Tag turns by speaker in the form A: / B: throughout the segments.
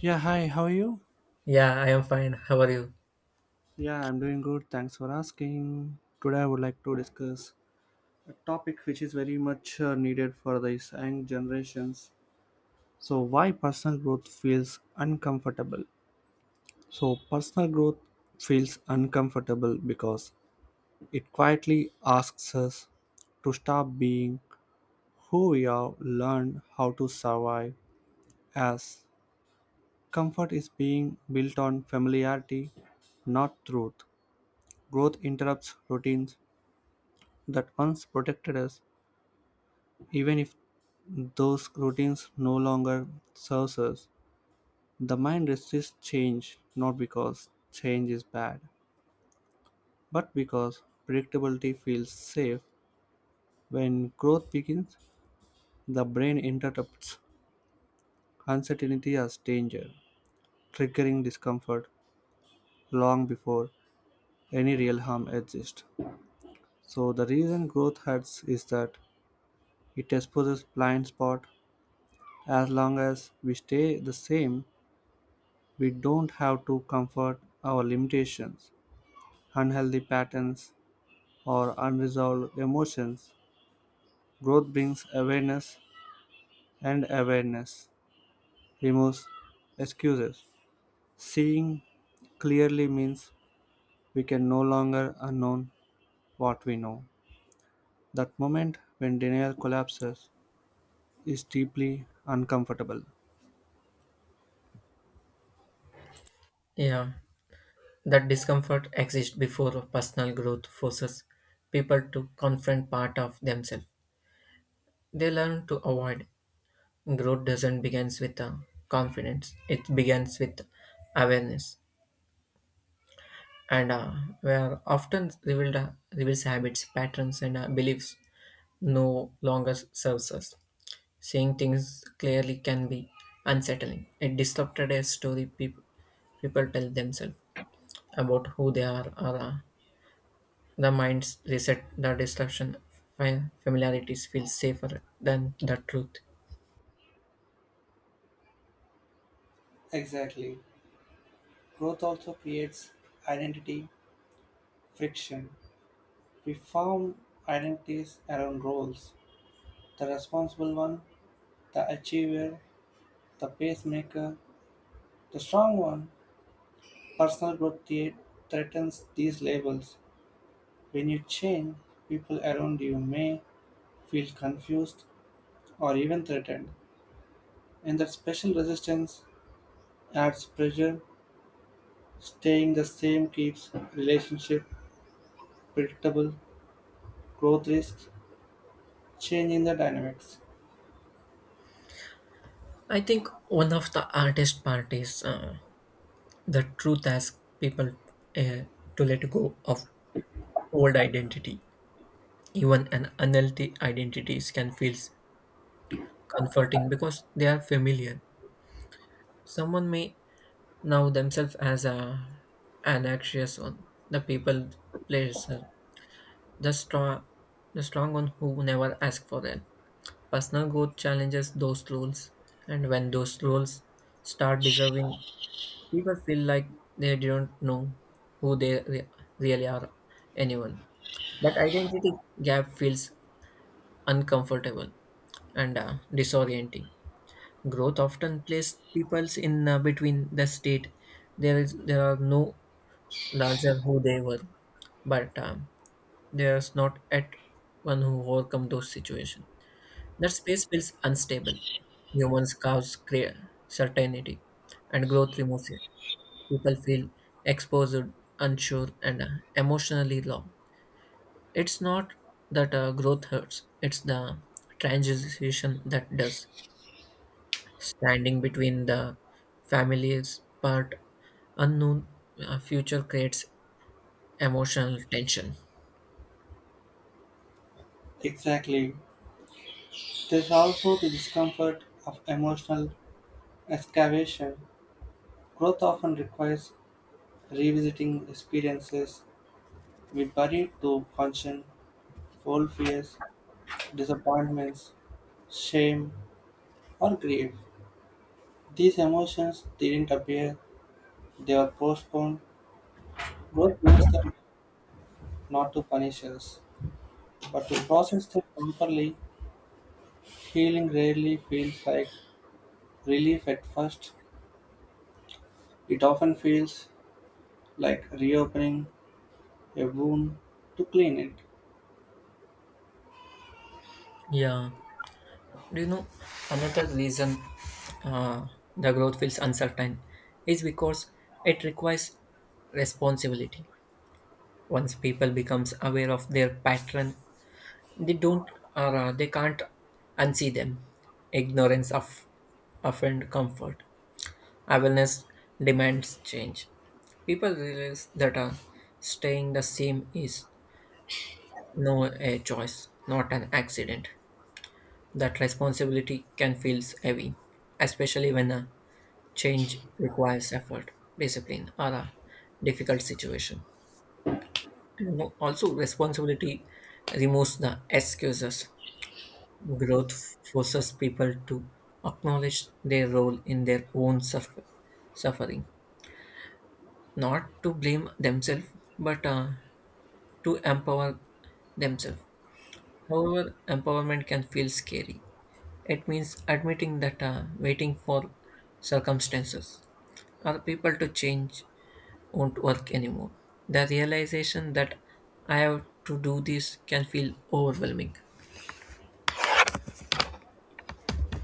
A: Yeah, hi, how are you?
B: Yeah, I am fine. How are you?
A: Yeah, I'm doing good. Thanks for asking. Today, I would like to discuss a topic which is very much needed for these young generations. So, why personal growth feels uncomfortable? So, personal growth feels uncomfortable because it quietly asks us to stop being who we have learned how to survive as comfort is being built on familiarity, not truth. Growth interrupts routines that once protected us, even if those routines no longer serves us. The mind resists change not because change is bad, but because predictability feels safe. When growth begins, the brain interprets uncertainty as danger, triggering discomfort long before any real harm exists. So the reason growth hurts is that it exposes blind spot as long as we stay the same. We don't have to comfort our limitations, unhealthy patterns, or unresolved emotions. Growth brings awareness, and awareness removes excuses. Seeing clearly means we can no longer unknown what we know. That moment when denial collapses is deeply uncomfortable.
B: Yeah, that discomfort exists before personal growth forces people to confront part of themselves. They learn to avoid. Growth doesn't begins with confidence. It begins with awareness, and we are often revealed reveals habits, patterns, and beliefs no longer serves us. Seeing things clearly can be unsettling. It disrupted a story people tell themselves about who they are or the mind's reset the destruction familiarities feel safer than the truth.
A: Exactly. Growth also creates identity friction. We form identities around roles, the responsible one, the achiever, the pacemaker, the strong one. Personal growth threatens these labels. When you change, people around you may feel confused or even threatened. And that special resistance adds pressure. Staying the same keeps relationship predictable, growth risks, change in the dynamics.
B: I think one of the hardest part is the truth asks people uh, to let go of old identity, even an unhealthy identities can feel comforting because they are familiar. Someone may know themselves as a an anxious one, the people pleaser, The strong, the strong one who never ask for help. Personal growth challenges those rules, and when those rules start deserving, people feel like they don't know who really are. Anyone that identity gap feels uncomfortable and disorienting. Growth often places people in between the state. There are no larger who they were, but there's not at one who overcome those situations. That space feels unstable. Humans cause certainty, and growth removes it. People feel exposed, unsure, and emotionally low. It's not that growth hurts, it's the transition that does. Standing between the family's part, unknown future creates emotional tension.
A: Exactly. There's also the discomfort of emotional excavation. Growth often requires revisiting experiences we buried to function, old fears, disappointments, shame, or grief. These emotions didn't appear, they were postponed. Growth brings them not to punish us, but to process them properly. Healing rarely feels like relief at first, it often feels like reopening a wound to clean it.
B: Yeah. Do you know another reason uh, the growth feels uncertain is because it requires responsibility. Once people becomes aware of their pattern, they don't or they can't unsee them. Ignorance of offend comfort. Awareness demands change. People realize that staying the same is no a choice, not an accident. That responsibility can feel heavy, especially when change requires effort, discipline, or a difficult situation. You know, also, responsibility removes the excuses. Growth forces people to acknowledge their role in their own suffering, not to blame themselves, but to empower themselves. However, empowerment can feel scary. It means admitting that waiting for circumstances or people to change won't work anymore. The realization that I have to do this can feel overwhelming.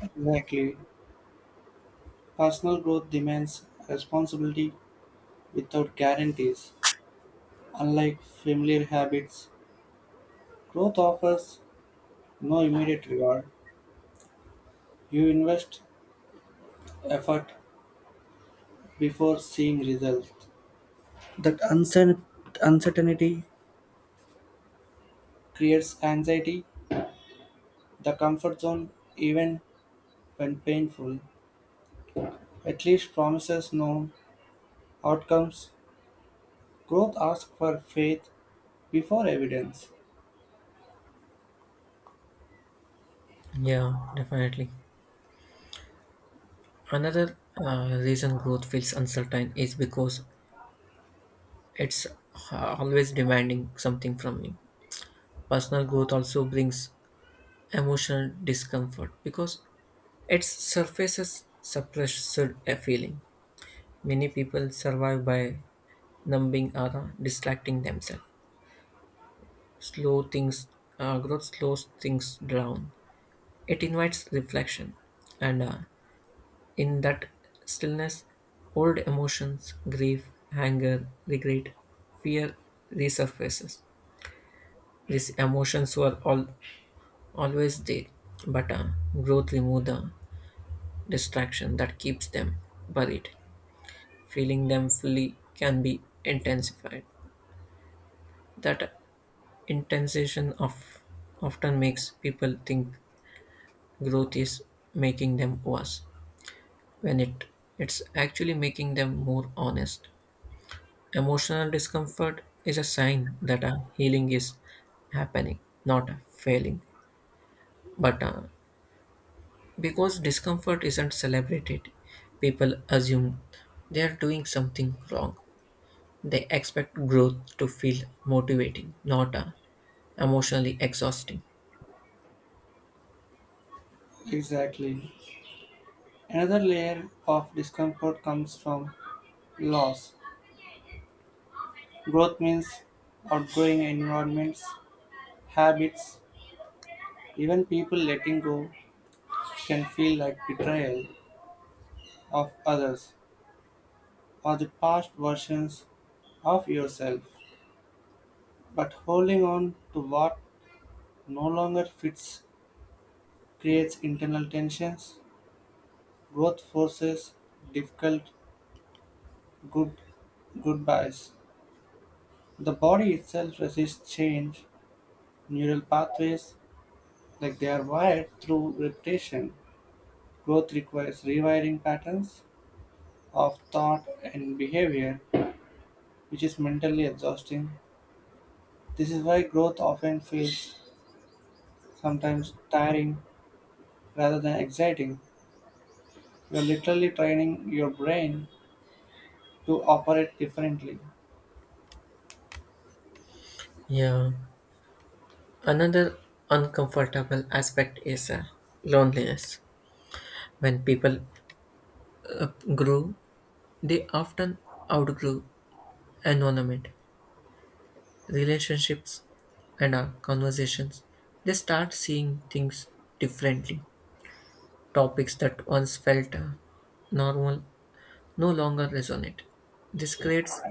A: Exactly. Personal growth demands responsibility without guarantees. Unlike familiar habits, growth offers no immediate reward. You invest effort before seeing results. That uncertainty creates anxiety. The comfort zone, even when painful, at least promises known outcomes. Growth asks for faith before evidence.
B: Yeah, definitely. Another reason growth feels uncertain is because it's always demanding something from you. Personal growth also brings emotional discomfort because it surfaces suppressed a feeling. Many people survive by numbing or distracting themselves. Slow things, growth slows things down. It invites reflection, and in that stillness, old emotions, grief, anger, regret, fear resurfaces. These emotions were all always there, but growth removes the distraction that keeps them buried. Feeling them fully can be intensified. That intensification of often makes people think growth is making them worse, when it's actually making them more honest. Emotional discomfort is a sign that a healing is happening, not a failing. But because discomfort isn't celebrated, people assume they are doing something wrong. They expect growth to feel motivating, not emotionally exhausting.
A: Exactly. Another layer of discomfort comes from loss. Growth means outgrowing environments, habits, even people. Letting go can feel like betrayal of others or the past versions of yourself. But holding on to what no longer fits creates internal tensions. Growth forces difficult good goodbyes. The body itself resists change. Neural pathways, like they are wired through repetition, growth requires rewiring patterns of thought and behavior, which is mentally exhausting. This is why growth often feels sometimes tiring rather than exciting. You're literally training your brain to operate differently.
B: Yeah. Another uncomfortable aspect is loneliness. When people uh, grow, they often outgrow environment, relationships, and our conversations. They start seeing things differently. Topics that once felt normal no longer resonate. This creates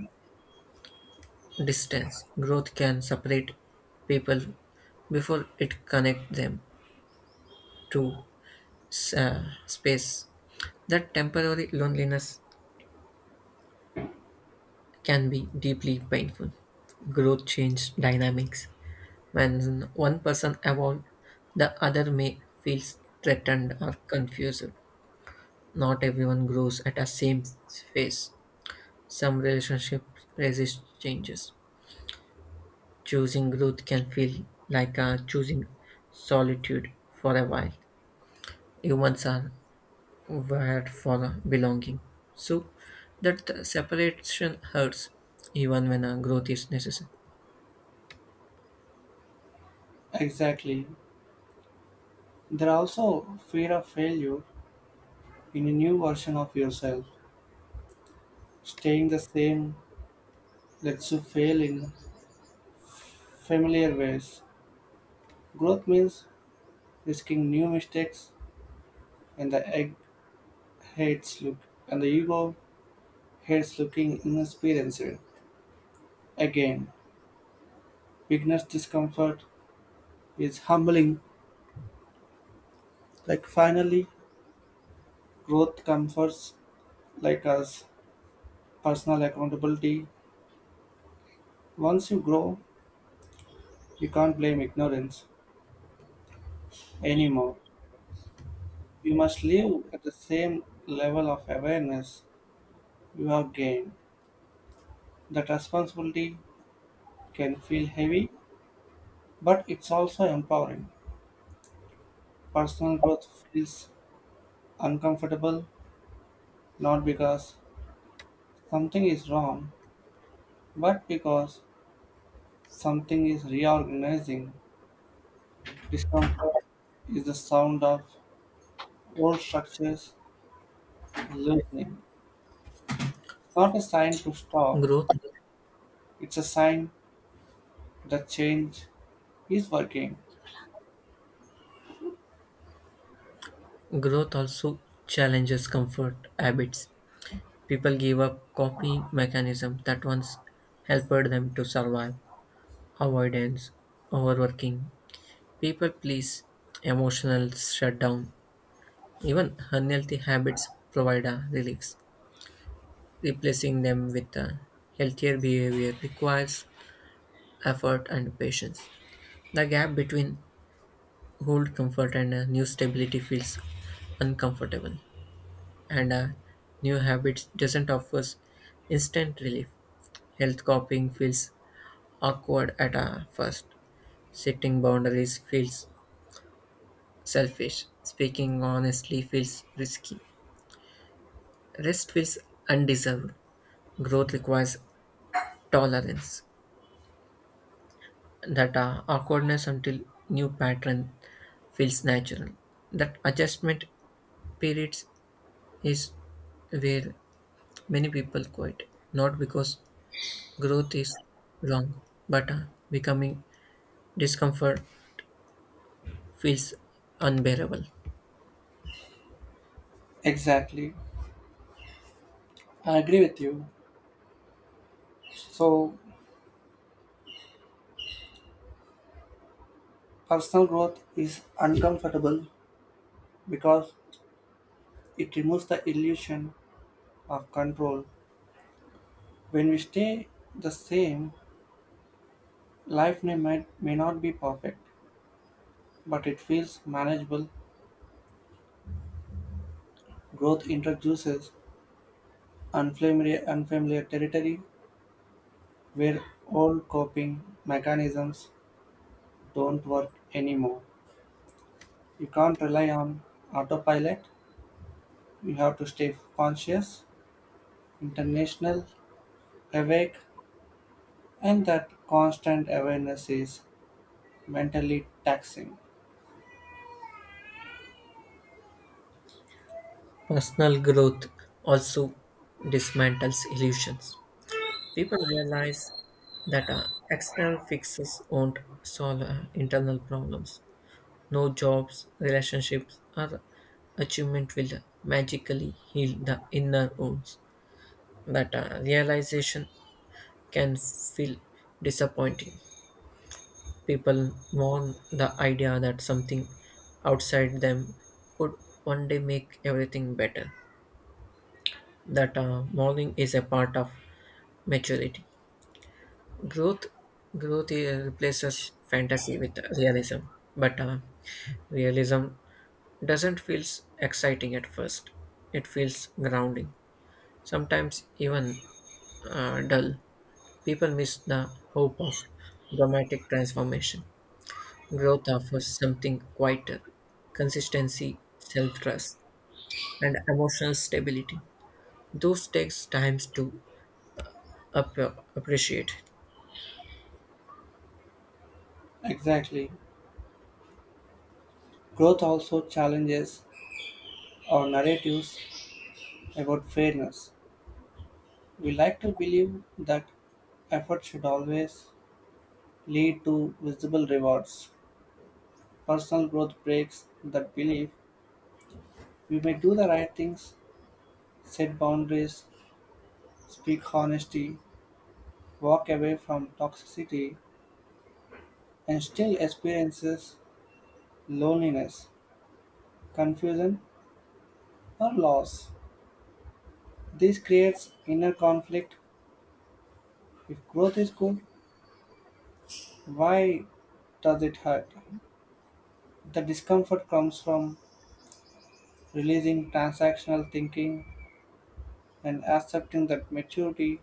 B: distance. Growth can separate people before it connects them to space. That temporary loneliness can be deeply painful. Growth changes dynamics. When one person evolves, the other may feel threatened or confused. Not everyone grows at the same phase. Some relationships resist changes. Choosing growth can feel like choosing solitude for a while. Humans are wired for belonging. So that separation hurts even when growth is necessary.
A: Exactly. There are also fear of failure in a new version of yourself. Staying the same lets you fail in familiar ways. Growth means risking new mistakes, and hates look, the ego hates looking inexperienced. Again, beginner's discomfort is humbling. Like finally, growth comforts like us personal accountability. Once you grow, you can't blame ignorance anymore. You must live at the same level of awareness you have gained. That responsibility can feel heavy, but it's also empowering. Personal growth feels uncomfortable not because something is wrong, but because something is reorganizing. Discomfort is the sound of old structures loosening. It's not a sign to stop,
B: Growth
A: it's a sign that change is working.
B: growth also challenges comfort habits. People gave up coping mechanisms that once helped them to survive: avoidance, overworking, people please, emotional shutdown. Even unhealthy habits provide a relief. Replacing them with a healthier behavior requires effort and patience. The gap between old comfort and a new stability feels uncomfortable, and a new habit doesn't offer instant relief. Health coping feels awkward at a first, setting boundaries feels selfish. Speaking honestly feels risky. Rest feels undeserved. Growth requires tolerance. That awkwardness until new pattern feels natural. That adjustment periods is where many people quit, not because growth is wrong, but becoming discomfort feels unbearable.
A: Exactly. I agree with you. So, personal growth is uncomfortable because it removes the illusion of control. When we stay the same, life may not be perfect, but it feels manageable. Growth introduces unfamiliar territory where old coping mechanisms don't work anymore. You can't rely on autopilot. You have to stay conscious, international, awake, and that constant awareness is mentally taxing.
B: Personal growth also dismantles illusions. People realize that external fixes won't solve internal problems. No jobs, relationships, or achievement will magically heal the inner wounds. That realization can feel disappointing. People mourn the idea that something outside them would one day make everything better. That mourning is a part of maturity. Growth, growth replaces fantasy with realism, but realism doesn't feel exciting at first. It feels grounding, sometimes even dull. People miss the hope of dramatic transformation. Growth offers something quieter, consistency, self-trust, and emotional stability. Those takes times to up- appreciate.
A: Exactly. Growth also challenges our narratives about fairness. We like to believe that effort should always lead to visible rewards. Personal growth breaks that belief. We may do the right things, set boundaries, speak honesty, walk away from toxicity and still experiences loneliness, confusion, or loss. This creates inner conflict. If growth is good, why does it hurt? The discomfort comes from releasing transactional thinking and accepting that maturity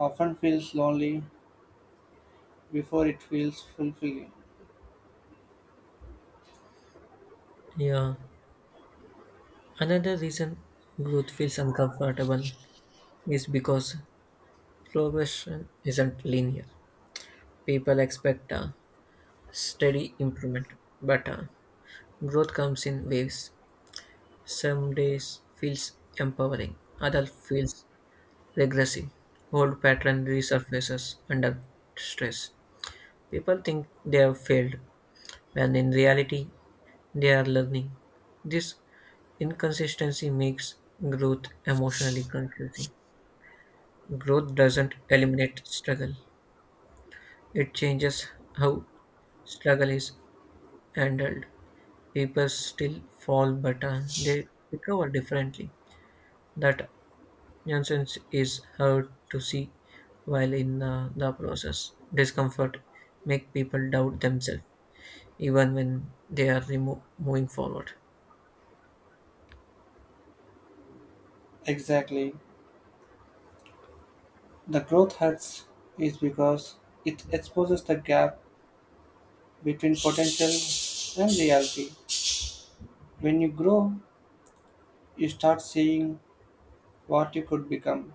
A: often feels lonely before it feels fulfilling.
B: Yeah, another reason growth feels uncomfortable is because progression isn't linear. People expect a steady improvement, but growth comes in waves. Some days feels empowering, other feels regressive. Old pattern resurfaces under stress. People think they have failed, when in reality they are learning. This inconsistency makes growth emotionally confusing. Growth doesn't eliminate struggle, it changes how struggle is handled. People still fall, but they recover differently. That nonsense is hard to see while in the process. Discomfort make people doubt themselves, even when they are moving forward.
A: Exactly. The growth hurts is because it exposes the gap between potential and reality. When you grow, you start seeing what you could become,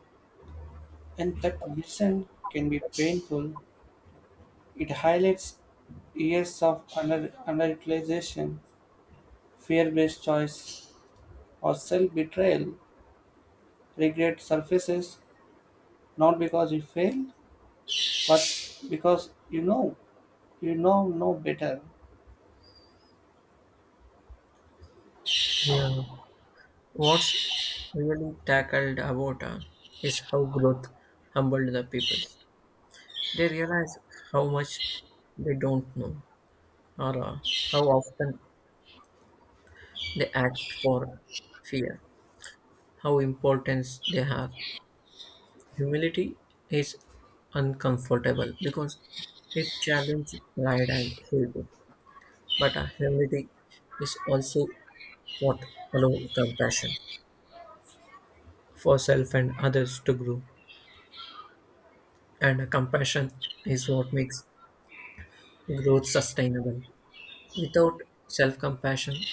A: and that vision can be painful. It highlights years of underutilization, fear-based choice, or self-betrayal. Regret surfaces not because you failed, but because you now know no better.
B: Yeah. What's really tackled about is how growth humbled the people. They realize how much they don't know or how often they act for fear, how important they have. Humility is uncomfortable because it challenges pride and ego. But humility is also what allows compassion for self and others to grow. And compassion is what makes growth sustainable. Without self compassion,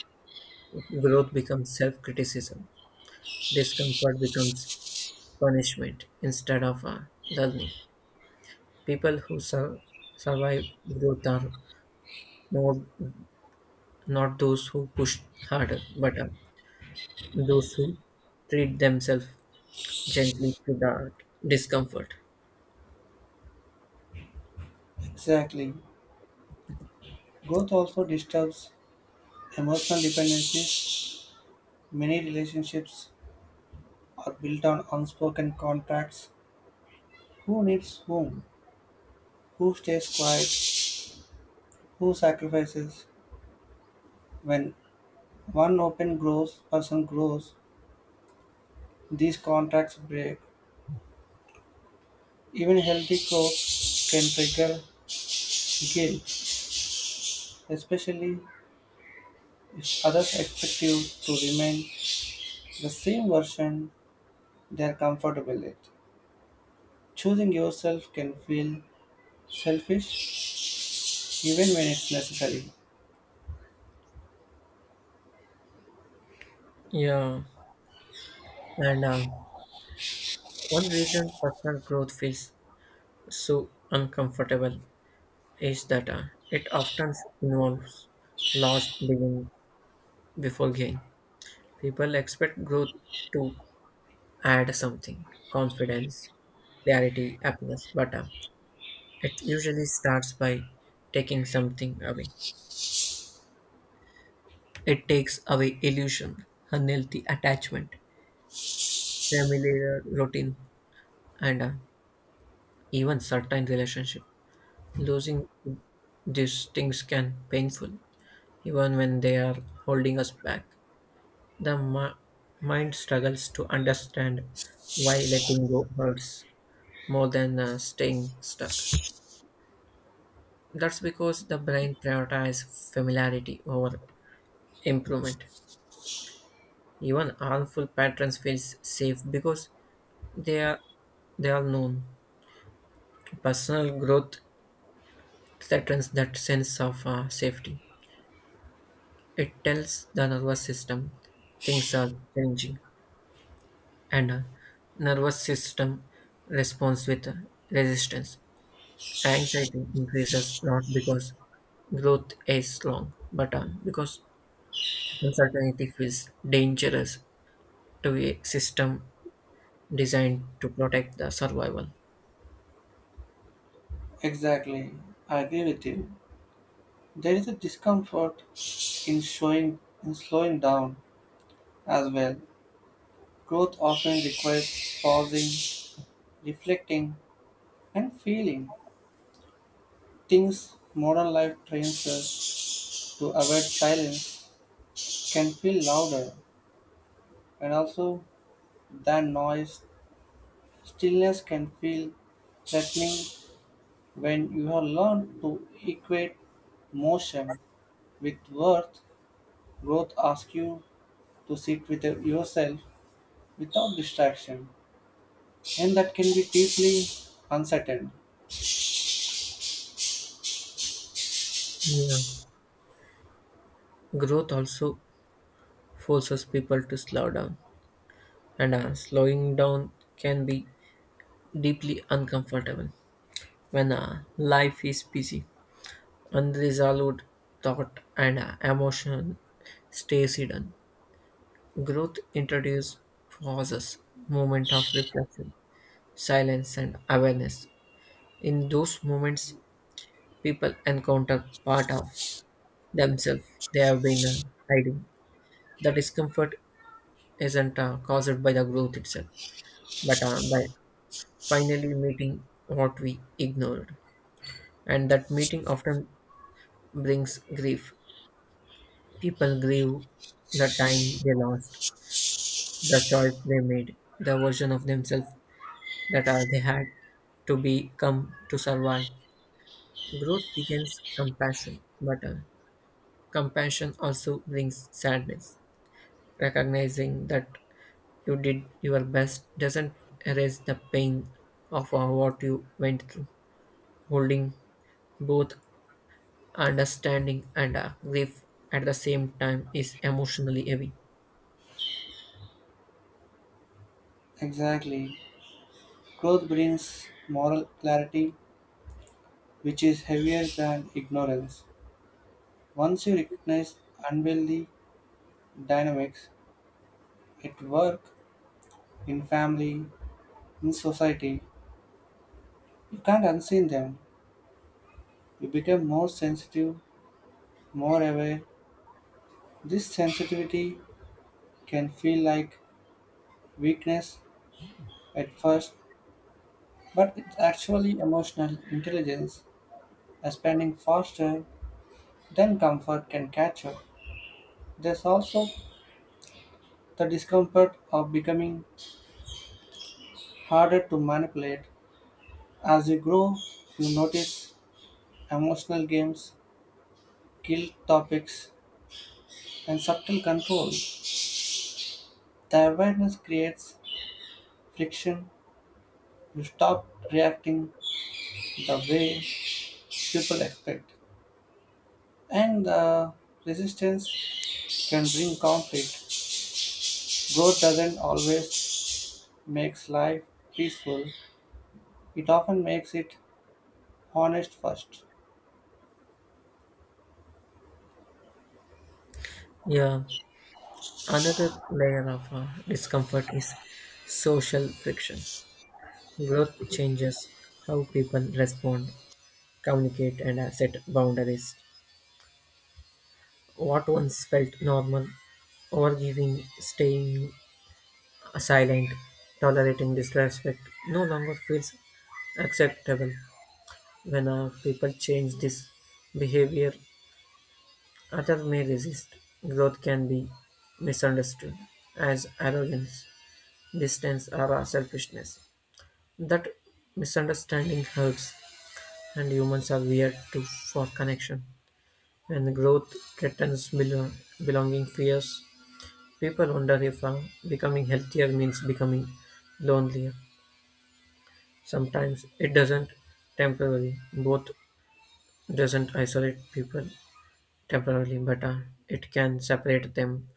B: growth becomes self criticism. Discomfort becomes punishment instead of a learning. People who survive growth are more not those who push harder, but are those who treat themselves gently to the discomfort.
A: Exactly. Growth also disturbs emotional dependencies. Many relationships are built on unspoken contracts. Who needs whom? Who stays quiet? Who sacrifices? When one open grows person grows, these contracts break. Even healthy growth can trigger guilt, especially if others expect you to remain the same version they are comfortable with. Choosing yourself can feel selfish even when it's necessary.
B: Yeah, and one reason personal growth feels so uncomfortable is that it often involves loss being before gain. People expect growth to add something confidence, clarity, happiness. But it usually starts by taking something away. It takes away illusion, unhealthy attachment, familiar routine, and even certain relationship. Losing these things can painful, even when they are holding us back. The mind struggles to understand why letting go hurts more than staying stuck. That's because the brain prioritizes familiarity over improvement. Even harmful patterns feel safe because they are they are known. Personal growth threatens that sense of safety. It tells the nervous system things are changing, and nervous system responds with resistance. Anxiety increases not because growth is wrong, but because uncertainty feels dangerous to a system designed to protect the survival.
A: Exactly. I agree with you. There is a discomfort in showing in slowing down as well. Growth often requires pausing, reflecting, and feeling. Things modern life trains us to avoid silence can feel louder, and also than noise. Stillness can feel threatening when you have learned to equate motion with worth. Growth asks you to sit with yourself without distraction, and that can be deeply uncertain.
B: Yeah. Growth also forces people to slow down, and slowing down can be deeply uncomfortable when life is busy, unresolved thought and emotion stays hidden. Growth introduces pauses, moment of reflection, silence, and awareness. In those moments, people encounter part of themselves they have been hiding. The discomfort isn't caused by the growth itself, but by finally meeting what we ignored. And that meeting often brings grief. People grieve the time they lost, the choice they made, the version of themselves that they had to become to survive. Growth begins compassion, but compassion also brings sadness. Recognizing that you did your best doesn't erase the pain of what you went through. Holding both understanding and grief at the same time is emotionally heavy.
A: Exactly. Growth brings moral clarity which is heavier than ignorance. Once you recognize unwieldy dynamics at work, in family, in society, you can't unseen them. You become more sensitive, more aware. This sensitivity can feel like weakness at first, but it's actually emotional intelligence expanding faster than comfort can catch up. There's also the discomfort of becoming harder to manipulate. As you grow, you notice emotional games, guilt topics, and subtle control. The awareness creates friction. You stop reacting the way people expect, and the resistance can bring conflict. Growth doesn't always makes life peaceful. It often makes it honest first.
B: Yeah, another layer of discomfort is social friction. Growth changes how people respond, communicate, and set boundaries. What once felt normal, overgiving, staying silent, tolerating disrespect, no longer feels acceptable. When people change this behavior, others may resist. Growth can be misunderstood as arrogance, distance, or selfishness. That misunderstanding hurts, and humans are weird to, for connection. When growth threatens belonging fears, people wonder if becoming healthier means becoming lonelier. Sometimes it doesn't temporarily, both doesn't isolate people temporarily but better, it can separate them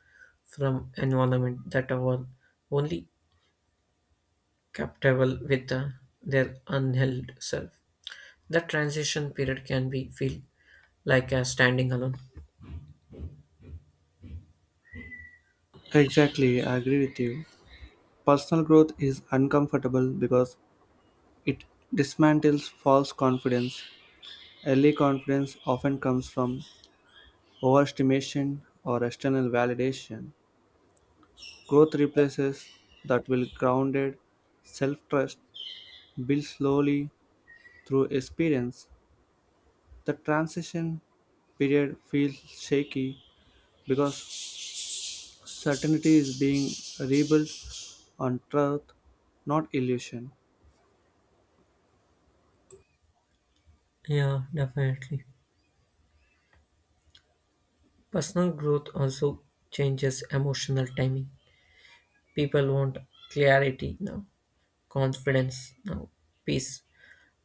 B: from environment that are only compatible with their unheld self. That transition period can be feel like a standing alone.
A: Exactly, I agree with you. Personal growth is uncomfortable because it dismantles false confidence. Early confidence often comes from overstimulation or external validation. Growth replaces that will grounded self-trust built slowly through experience. The transition period feels shaky because certainty is being rebuilt on truth, not illusion.
B: Yeah, definitely. Personal growth also changes emotional timing. People want clarity now, confidence now, peace.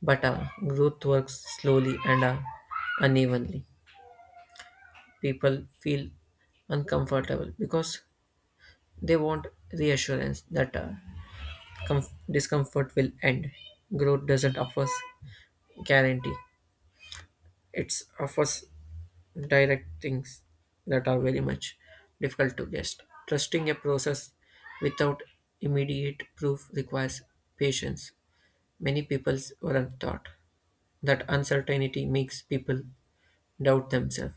B: But growth works slowly and unevenly. People feel uncomfortable because they want reassurance that discomfort will end. Growth doesn't offer guarantee. It offers direct things that are very much difficult to guess. Trusting a process without immediate proof requires patience. Many people weren't taught that uncertainty makes people doubt themselves.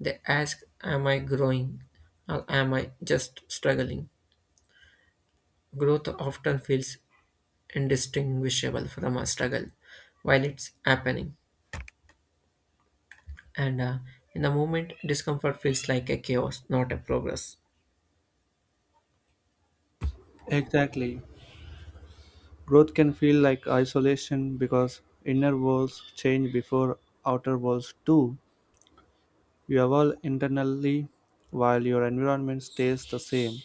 B: They ask, "Am I growing or am I just struggling?" Growth often feels indistinguishable from a struggle while it's happening. And in the moment, discomfort feels like a chaos, not a progress.
A: Exactly. Growth can feel like isolation because inner walls change before outer walls do. You evolve internally while your environment stays the same.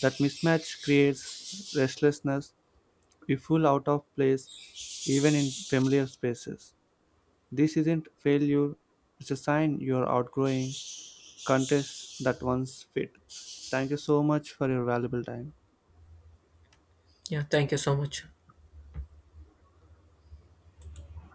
A: That mismatch creates restlessness. We feel out of place even in familiar spaces. This isn't failure, it's a sign you are outgrowing contests that once fit. Thank you so much for your valuable time.
B: Yeah, thank you so much.